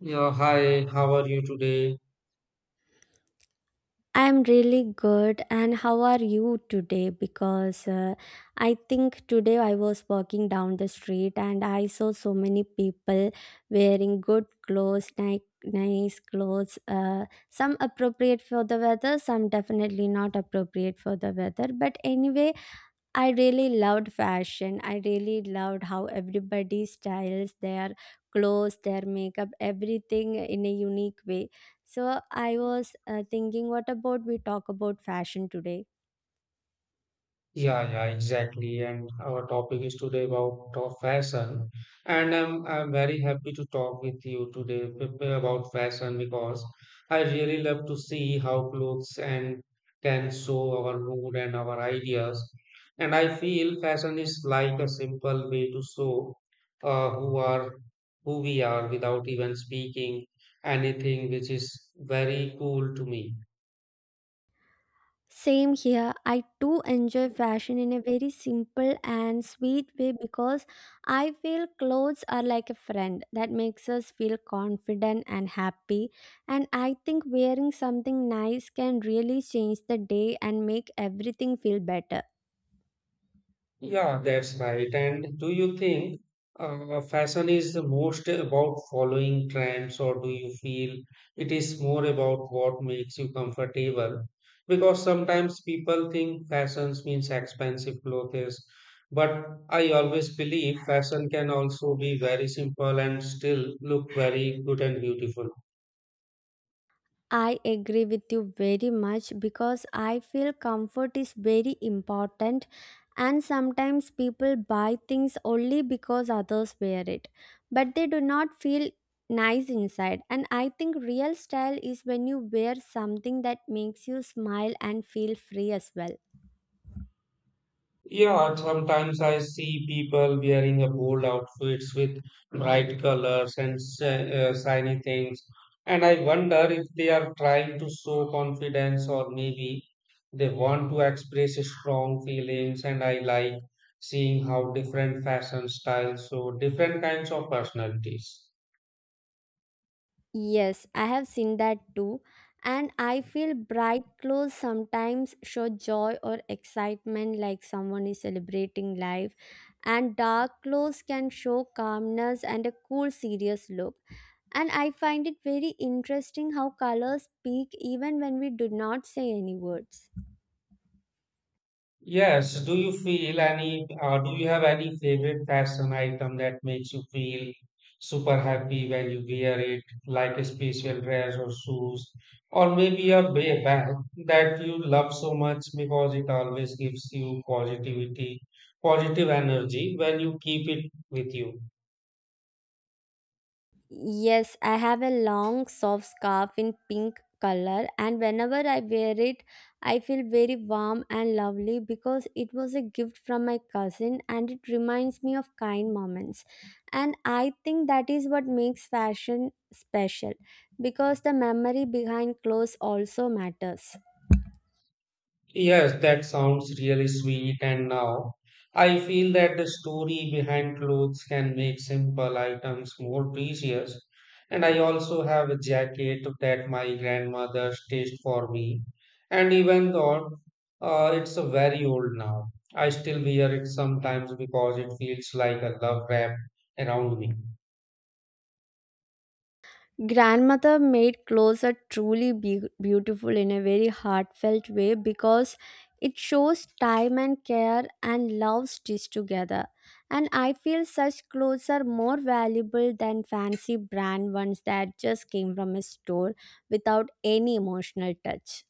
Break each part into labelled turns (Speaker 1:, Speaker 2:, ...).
Speaker 1: Yeah, hi, how are you today?
Speaker 2: I'm really good, and how are you today? Because I think today I was walking down the street and I saw so many people wearing good clothes, nice, nice clothes. Some appropriate for the weather, some definitely not appropriate for the weather. But anyway, I really loved fashion. I really loved how everybody styles their clothes, their makeup, everything in a unique way. So I was thinking, what about we talk about fashion today?
Speaker 1: Yeah, yeah, exactly. And our topic is today about of fashion. And I'm very happy to talk with you today about fashion because I really love to see how clothes and can show our mood and our ideas. And I feel fashion is like a simple way to show uh, who are who we are without even speaking anything, which is very cool to me.
Speaker 2: Same here. I too enjoy fashion in a very simple and sweet way because I feel clothes are like a friend that makes us feel confident and happy. And I think wearing something nice can really change the day and make everything feel better.
Speaker 1: Yeah, that's right. And do you think fashion is the most about following trends, or do you feel it is more about what makes you comfortable? Because sometimes people think fashion means expensive clothes, but I always believe fashion can also be very simple and still look very good and beautiful.
Speaker 2: I agree with you very much because I feel comfort is very important, and sometimes people buy things only because others wear it, but they do not feel nice inside. And I think real style is when you wear something that makes you smile and feel free as well.
Speaker 1: Yeah, sometimes I see people wearing a bold outfits with bright colors and shiny things, and I wonder if they are trying to show confidence or maybe they want to express strong feelings. And I like seeing how different fashion styles show different kinds of personalities.
Speaker 2: Yes, I have seen that too, and I feel bright clothes sometimes show joy or excitement, like someone is celebrating life, and dark clothes can show calmness and a cool serious look. And I find it very interesting how colors speak even when we do not say any words.
Speaker 1: Yes, do you feel any, do you have any favorite fashion item that makes you feel super happy when you wear it, like a special dress or shoes, or maybe a bag that you love so much because it always gives you positive energy when you keep it with you?
Speaker 2: Yes, I have a long soft scarf in pink color, and whenever I wear it, I feel very warm and lovely because it was a gift from my cousin and it reminds me of kind moments. And I think that is what makes fashion special because the memory behind clothes also matters.
Speaker 1: Yes, that sounds really sweet. And now I feel that the story behind clothes can make simple items more precious. And I also have a jacket that my grandmother stitched for me. And even though it's a very old now, I still wear it sometimes because it feels like a love wrap around me.
Speaker 2: Grandmother made clothes are truly beautiful in a very heartfelt way because it shows time and care and love stitched together. And I feel such clothes are more valuable than fancy brand ones that just came from a store without any emotional touch.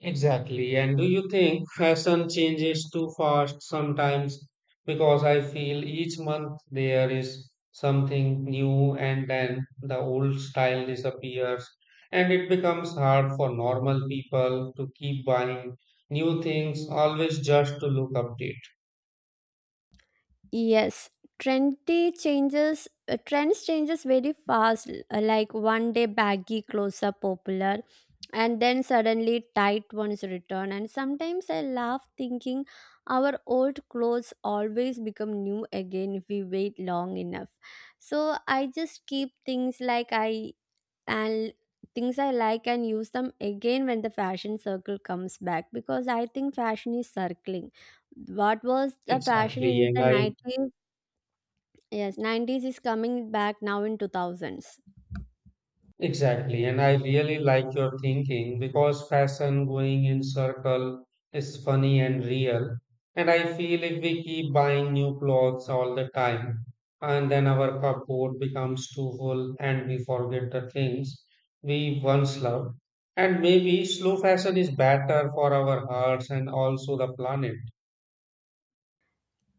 Speaker 1: Exactly. And do you think fashion changes too fast sometimes? Because I feel each month there is something new and then the old style disappears and it becomes hard for normal people to keep buying new things always just to look updated.
Speaker 2: Yes, trendy changes. Trends changes very fast. Like one day baggy clothes are popular, and then suddenly tight ones return. And sometimes I laugh thinking our old clothes always become new again if we wait long enough. So I just keep and things I like and use them again when the fashion circle comes back, because I think fashion is circling. What was the fashion
Speaker 1: Exactly.
Speaker 2: in
Speaker 1: And
Speaker 2: the
Speaker 1: I
Speaker 2: 90s? Yes, 90s is coming back now in 2000s.
Speaker 1: Exactly, and I really like your thinking because fashion going in circle is funny and real. And I feel if we keep buying new clothes all the time, and then our cupboard becomes too full and we forget the things we once loved. And maybe slow fashion is better for our hearts and also the planet.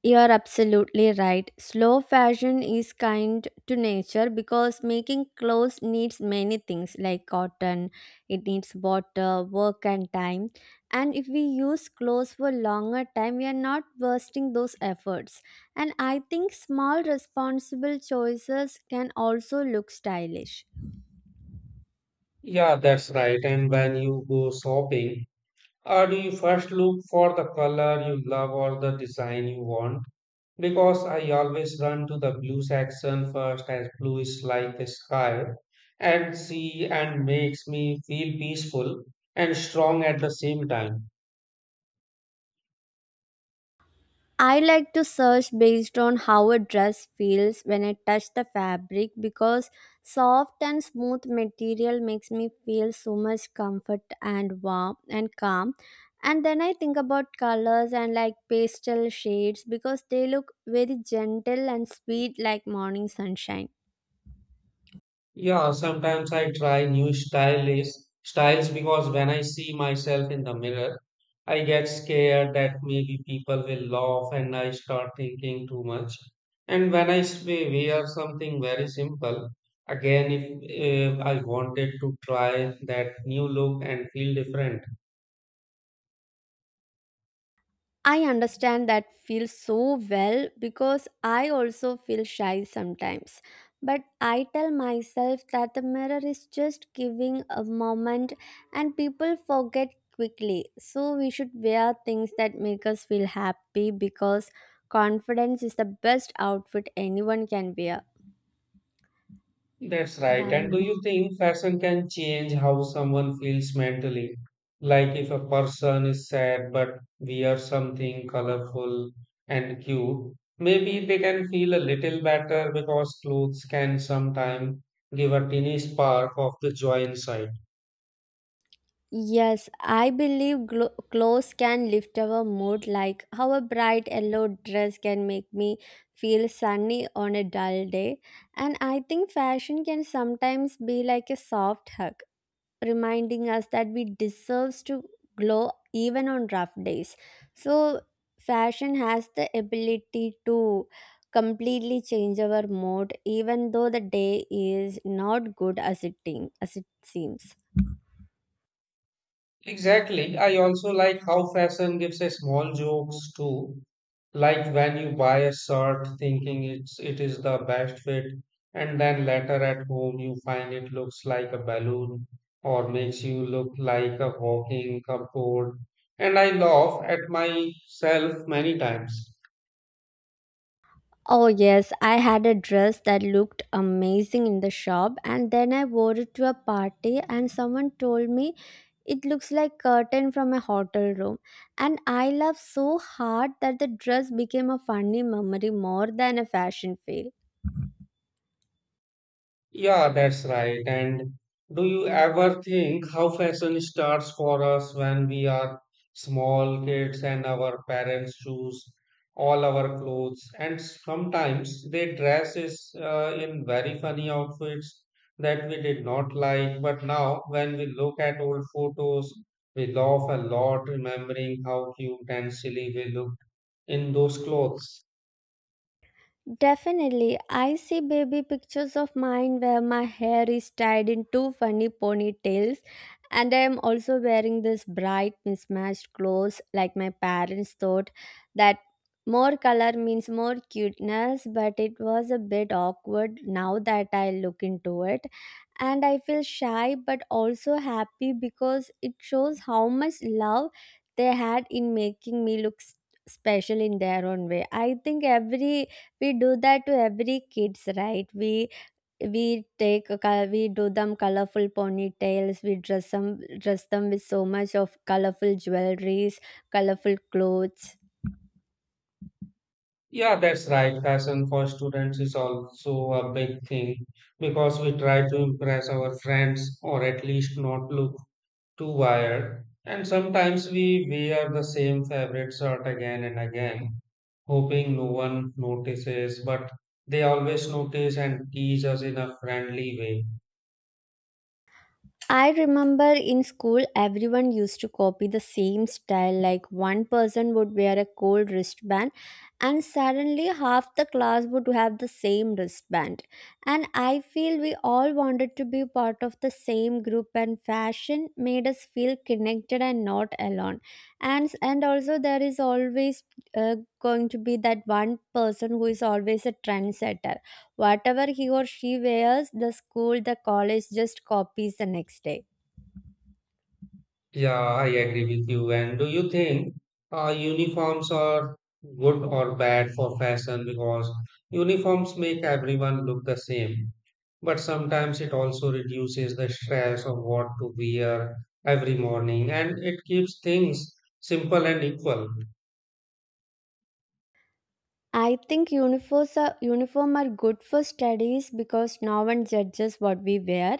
Speaker 2: You are absolutely right. Slow fashion is kind to nature because making clothes needs many things like cotton, it needs water, work, and time. And if we use clothes for longer time, we are not wasting those efforts. And I think small responsible choices can also look stylish.
Speaker 1: Yeah, that's right. And when you go shopping, or do you first look for the color you love or the design you want? Because I always run to the blue section first as blue is like a sky and sea and makes me feel peaceful and strong at the same time.
Speaker 2: I like to search based on how a dress feels when I touch the fabric, because soft and smooth material makes me feel so much comfort and warm and calm. And then I think about colors and like pastel shades because they look very gentle and sweet like morning sunshine.
Speaker 1: Yeah, sometimes I try new styles because when I see myself in the mirror, I get scared that maybe people will laugh and I start thinking too much. And when we wear something very simple, again, if I wanted to try that new look and feel different.
Speaker 2: I understand that feels so well because I also feel shy sometimes. But I tell myself that the mirror is just giving a moment and people forget quickly. So we should wear things that make us feel happy because confidence is the best outfit anyone can wear.
Speaker 1: That's
Speaker 2: And
Speaker 1: right.
Speaker 2: I'll
Speaker 1: And do you think fashion can change how someone feels mentally? Like if a person is sad but wears something colorful and cute, maybe they can feel a little better because clothes can sometimes give a tiny spark of the joy inside.
Speaker 2: Yes, I believe clothes can lift our mood, like how a bright yellow dress can make me feel sunny on a dull day. And I think fashion can sometimes be like a soft hug, reminding us that we deserves to glow even on rough days. So, fashion has the ability to completely change our mood, even though the day is not good as it seems.
Speaker 1: Exactly. I also like how fashion gives a small jokes too. Like when you buy a shirt thinking it is the best fit, and then later at home you find it looks like a balloon or makes you look like a walking cupboard. And I laugh at myself many times.
Speaker 2: Oh, yes, I had a dress that looked amazing in the shop, and then I wore it to a party, and someone told me it looks like curtain from a hotel room. And I laughed so hard that the dress became a funny memory more than a fashion fail.
Speaker 1: Yeah, that's right. And do you ever think how fashion starts for us when we are small kids and our parents choose all our clothes? And sometimes they dress us in very funny outfits that we did not like. But now, when we look at old photos, we laugh a lot remembering how cute and silly we looked in those clothes.
Speaker 2: Definitely. I see baby pictures of mine where my hair is tied in two funny ponytails, and I am also wearing this bright, mismatched clothes, like my parents thought that more color means more cuteness, but it was a bit awkward now that I look into it. And I feel shy but also happy because it shows how much love they had in making me look special in their own way. I think every we do that to every kids, right? We do them colorful ponytails, we dress them with so much of colorful jewelries, colorful clothes.
Speaker 1: Yeah, that's right. Fashion for students is also a big thing because we try to impress our friends or at least not look too wired. And sometimes we wear the same favorite shirt again and again, hoping no one notices, but they always notice and tease us in a friendly way.
Speaker 2: I remember in school, everyone used to copy the same style. Like one person would wear a gold wristband, and suddenly half the class would have the same wristband. And I feel we all wanted to be part of the same group, and fashion made us feel connected and not alone. And also there is always going to be that one person who is always a trendsetter. Whatever he or she wears, the school, the college just copies the next day.
Speaker 1: Yeah, I agree with you. And do you think uniforms are good or bad for fashion because uniforms make everyone look the same? But sometimes it also reduces the stress of what to wear every morning and it keeps things simple and equal.
Speaker 2: I think uniform are good for studies because no one judges what we wear.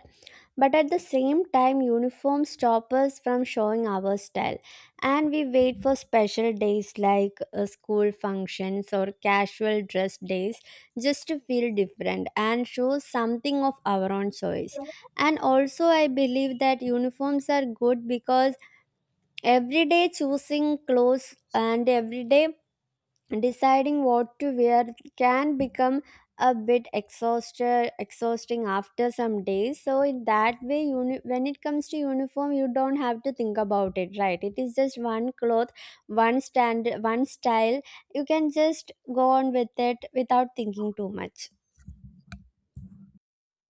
Speaker 2: But at the same time, uniforms stop us from showing our style, and we wait for special days like school functions or casual dress days just to feel different and show something of our own choice. And also, I believe that uniforms are good because everyday choosing clothes and everyday deciding what to wear can become a bit exhausted exhausting after some days. So in that way, when it comes to uniform, you don't have to think about it, right? It is just one cloth, one stand, one style. You can just go on with it without thinking too much.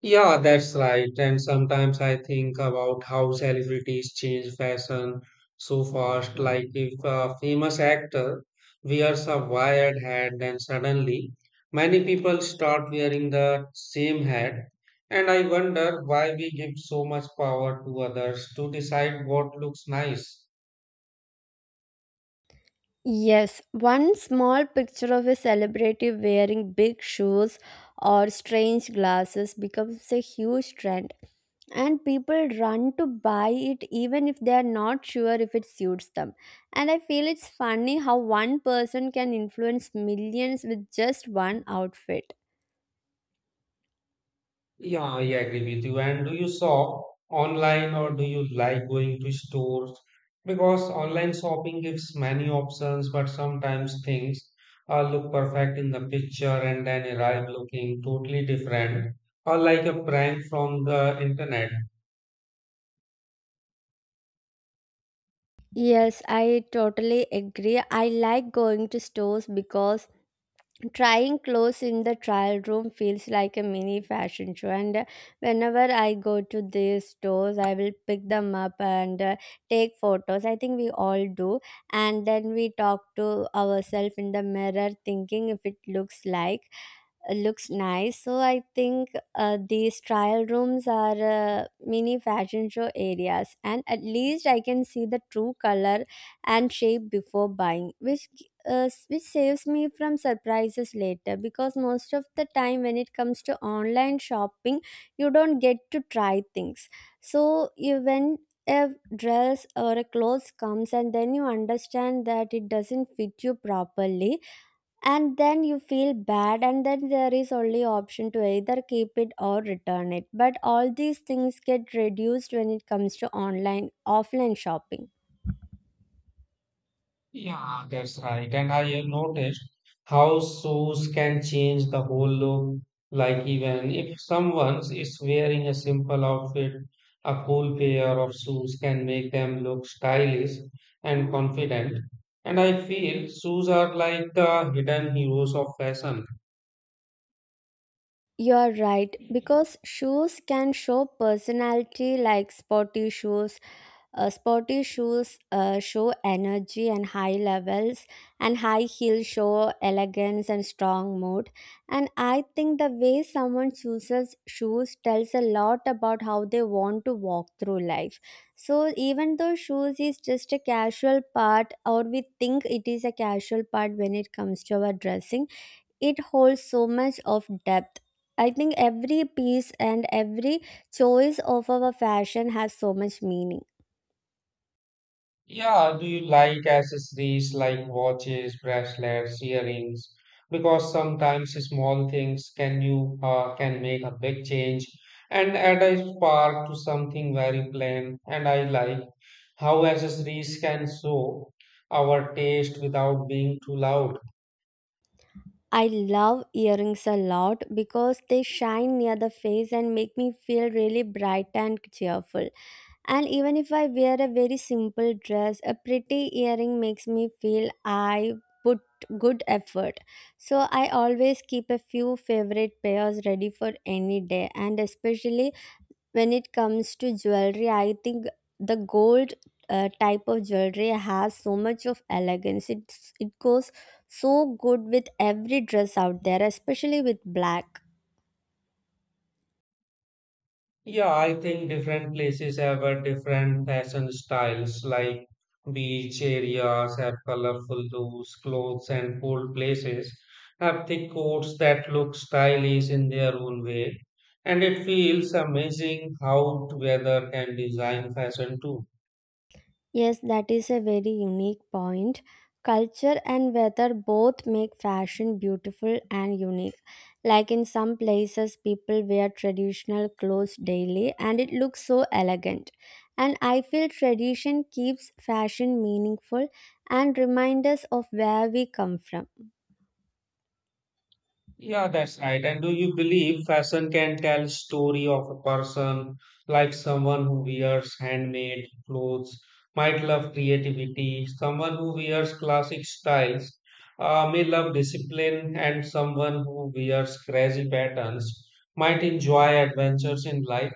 Speaker 1: Yeah, that's right. And sometimes I think about how celebrities change fashion so fast. Like if a famous actor wears a wired hat, then suddenly many people start wearing the same hat. And I wonder why we give so much power to others to decide what looks nice.
Speaker 2: Yes, one small picture of a celebrity wearing big shoes or strange glasses becomes a huge trend, and people run to buy it even if they are not sure if it suits them. And I feel it's funny how one person can influence millions with just one outfit.
Speaker 1: Yeah, I agree with you. And do you shop online or do you like going to stores? Because online shopping gives many options, but sometimes things look perfect in the picture and then arrive looking totally different or like a prank from the internet.
Speaker 2: Yes, I totally agree. I like going to stores because trying clothes in the trial room feels like a mini fashion show. And whenever I go to these stores, I will pick them up and take photos. I think we all do. And then we talk to ourselves in the mirror thinking if it looks nice. So I think these trial rooms are mini fashion show areas, and at least I can see the true color and shape before buying, which which saves me from surprises later. Because most of the time, when it comes to online shopping, you don't get to try things. So you when a dress or a clothes comes and then you understand that it doesn't fit you properly and then you feel bad, and then there is only option to either keep it or return it. But all these things get reduced when it comes to online offline shopping.
Speaker 1: Yeah, that's right. And I have noticed how shoes can change the whole look. Like even if someone is wearing a simple outfit, a cool pair of shoes can make them look stylish and confident. And I feel shoes are like the hidden heroes of fashion.
Speaker 2: You're right, because shoes can show personality like sporty shoes. Show energy and high levels, and high heels show elegance and strong mood. And I think the way someone chooses shoes tells a lot about how they want to walk through life. So, even though shoes is just a casual part, or we think it is a casual part when it comes to our dressing, it holds so much of depth. I think every piece and every choice of our fashion has so much meaning.
Speaker 1: Yeah, do you like accessories like watches, bracelets, earrings? Because sometimes small things can make a big change and add a spark to something very plain. And I like how accessories can show our taste without being too loud.
Speaker 2: I love earrings a lot because they shine near the face and make me feel really bright and cheerful. And even if I wear a very simple dress, a pretty earring makes me feel I put good effort. So I always keep a few favorite pairs ready for any day, and especially when it comes to jewelry, I think the gold type of jewelry has so much of elegance. It goes so good with every dress out there, especially with black.
Speaker 1: Yeah, I think different places have a different fashion styles, like beach areas have colorful loose clothes and cold places have thick coats that look stylish in their own way. And it feels amazing how weather can design fashion too.
Speaker 2: Yes, that is a very unique point. Culture and weather both make fashion beautiful and unique. Like in some places, people wear traditional clothes daily and it looks so elegant. And I feel tradition keeps fashion meaningful and reminds us of where we come from.
Speaker 1: Yeah, that's right. And do you believe fashion can tell story of a person, like someone who wears handmade clothes might love creativity, someone who wears classic styles may love discipline, and someone who wears crazy patterns might enjoy adventures in life.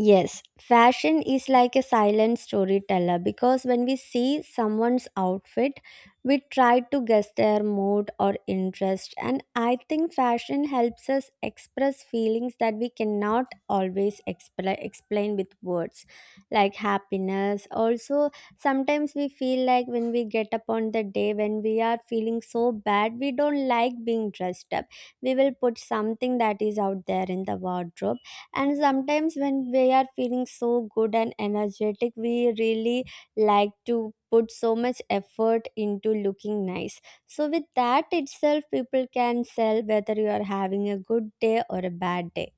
Speaker 2: Yes, fashion is like a silent storyteller because when we see someone's outfit, we try to guess their mood or interest. And I think fashion helps us express feelings that we cannot always explain with words, like happiness. Also, sometimes we feel like when we get up on the day when we are feeling so bad, we don't like being dressed up. We will put something that is out there in the wardrobe. And sometimes when we are feeling so good and energetic, we really like to put so much effort into looking nice. So, with that itself, people can tell whether you are having a good day or a bad day.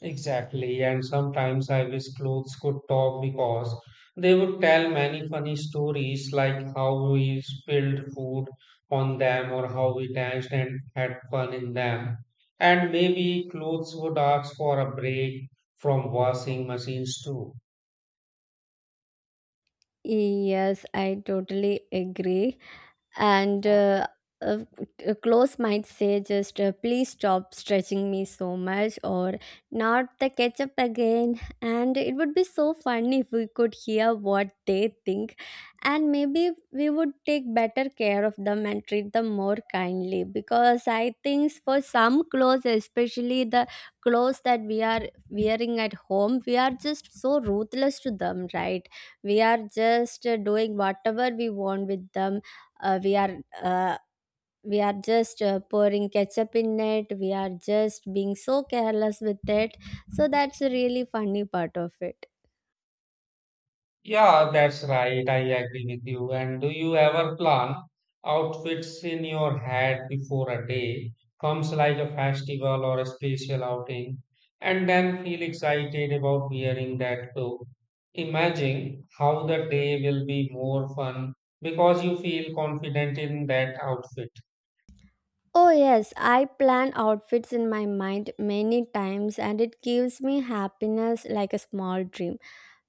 Speaker 1: Exactly, and sometimes I wish clothes could talk because they would tell many funny stories like how we spilled food on them or how we danced and had fun in them. And maybe clothes would ask for a break from washing machines too.
Speaker 2: Yes, I totally agree. And uh, a close might say, just please stop stretching me so much, or not the ketchup again. And it would be so funny if we could hear what they think, and maybe we would take better care of them and treat them more kindly. Because I think for some clothes, especially the clothes that we are wearing at home, we are just so ruthless to them, right? We are just doing whatever we want with them. uh, we are uh, we are just pouring ketchup in it. We are just being so careless with it. So that's a really funny part of it.
Speaker 1: Yeah, that's right. I agree with you. And do you ever plan outfits in your head before a day comes like a festival or a special outing and then feel excited about wearing that too? Imagine how the day will be more fun because you feel confident in that outfit.
Speaker 2: Oh yes, I plan outfits in my mind many times and it gives me happiness like a small dream,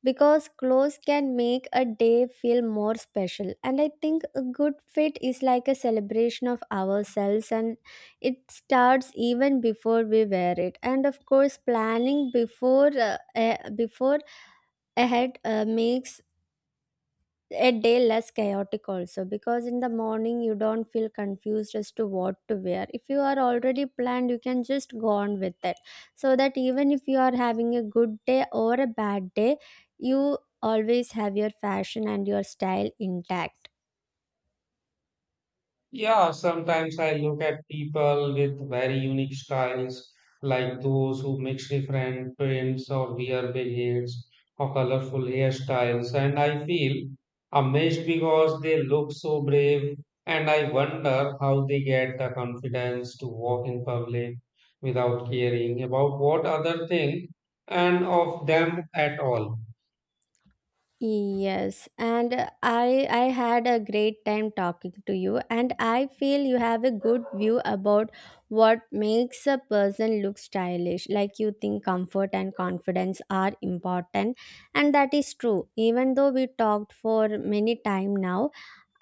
Speaker 2: because clothes can make a day feel more special. And I think a good fit is like a celebration of ourselves, and it starts even before we wear it. And of course planning before ahead makes a day less chaotic also, because in the morning you don't feel confused as to what to wear. If you are already planned, you can just go on with it. So that even if you are having a good day or a bad day, you always have your fashion and your style intact.
Speaker 1: Yeah, sometimes I look at people with very unique styles, like those who mix different prints or wear big hats or colorful hairstyles, and I feel amazed because they look so brave, and I wonder how they get the confidence to walk in public without caring about what other think and of them at all.
Speaker 2: Yes, and I had a great time talking to you, and I feel you have a good view about what makes a person look stylish. Like, you think comfort and confidence are important, and that is true. Even though we talked for many time now,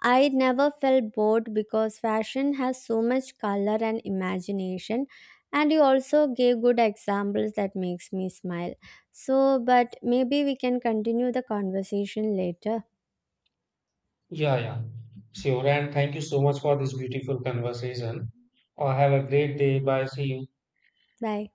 Speaker 2: I never felt bored because fashion has so much color and imagination, and you also gave good examples that makes me smile. So but maybe we can continue the conversation later.
Speaker 1: Yeah, yeah. Sure. And thank you so much for this beautiful conversation. Have a great day. Bye. See you.
Speaker 2: Bye.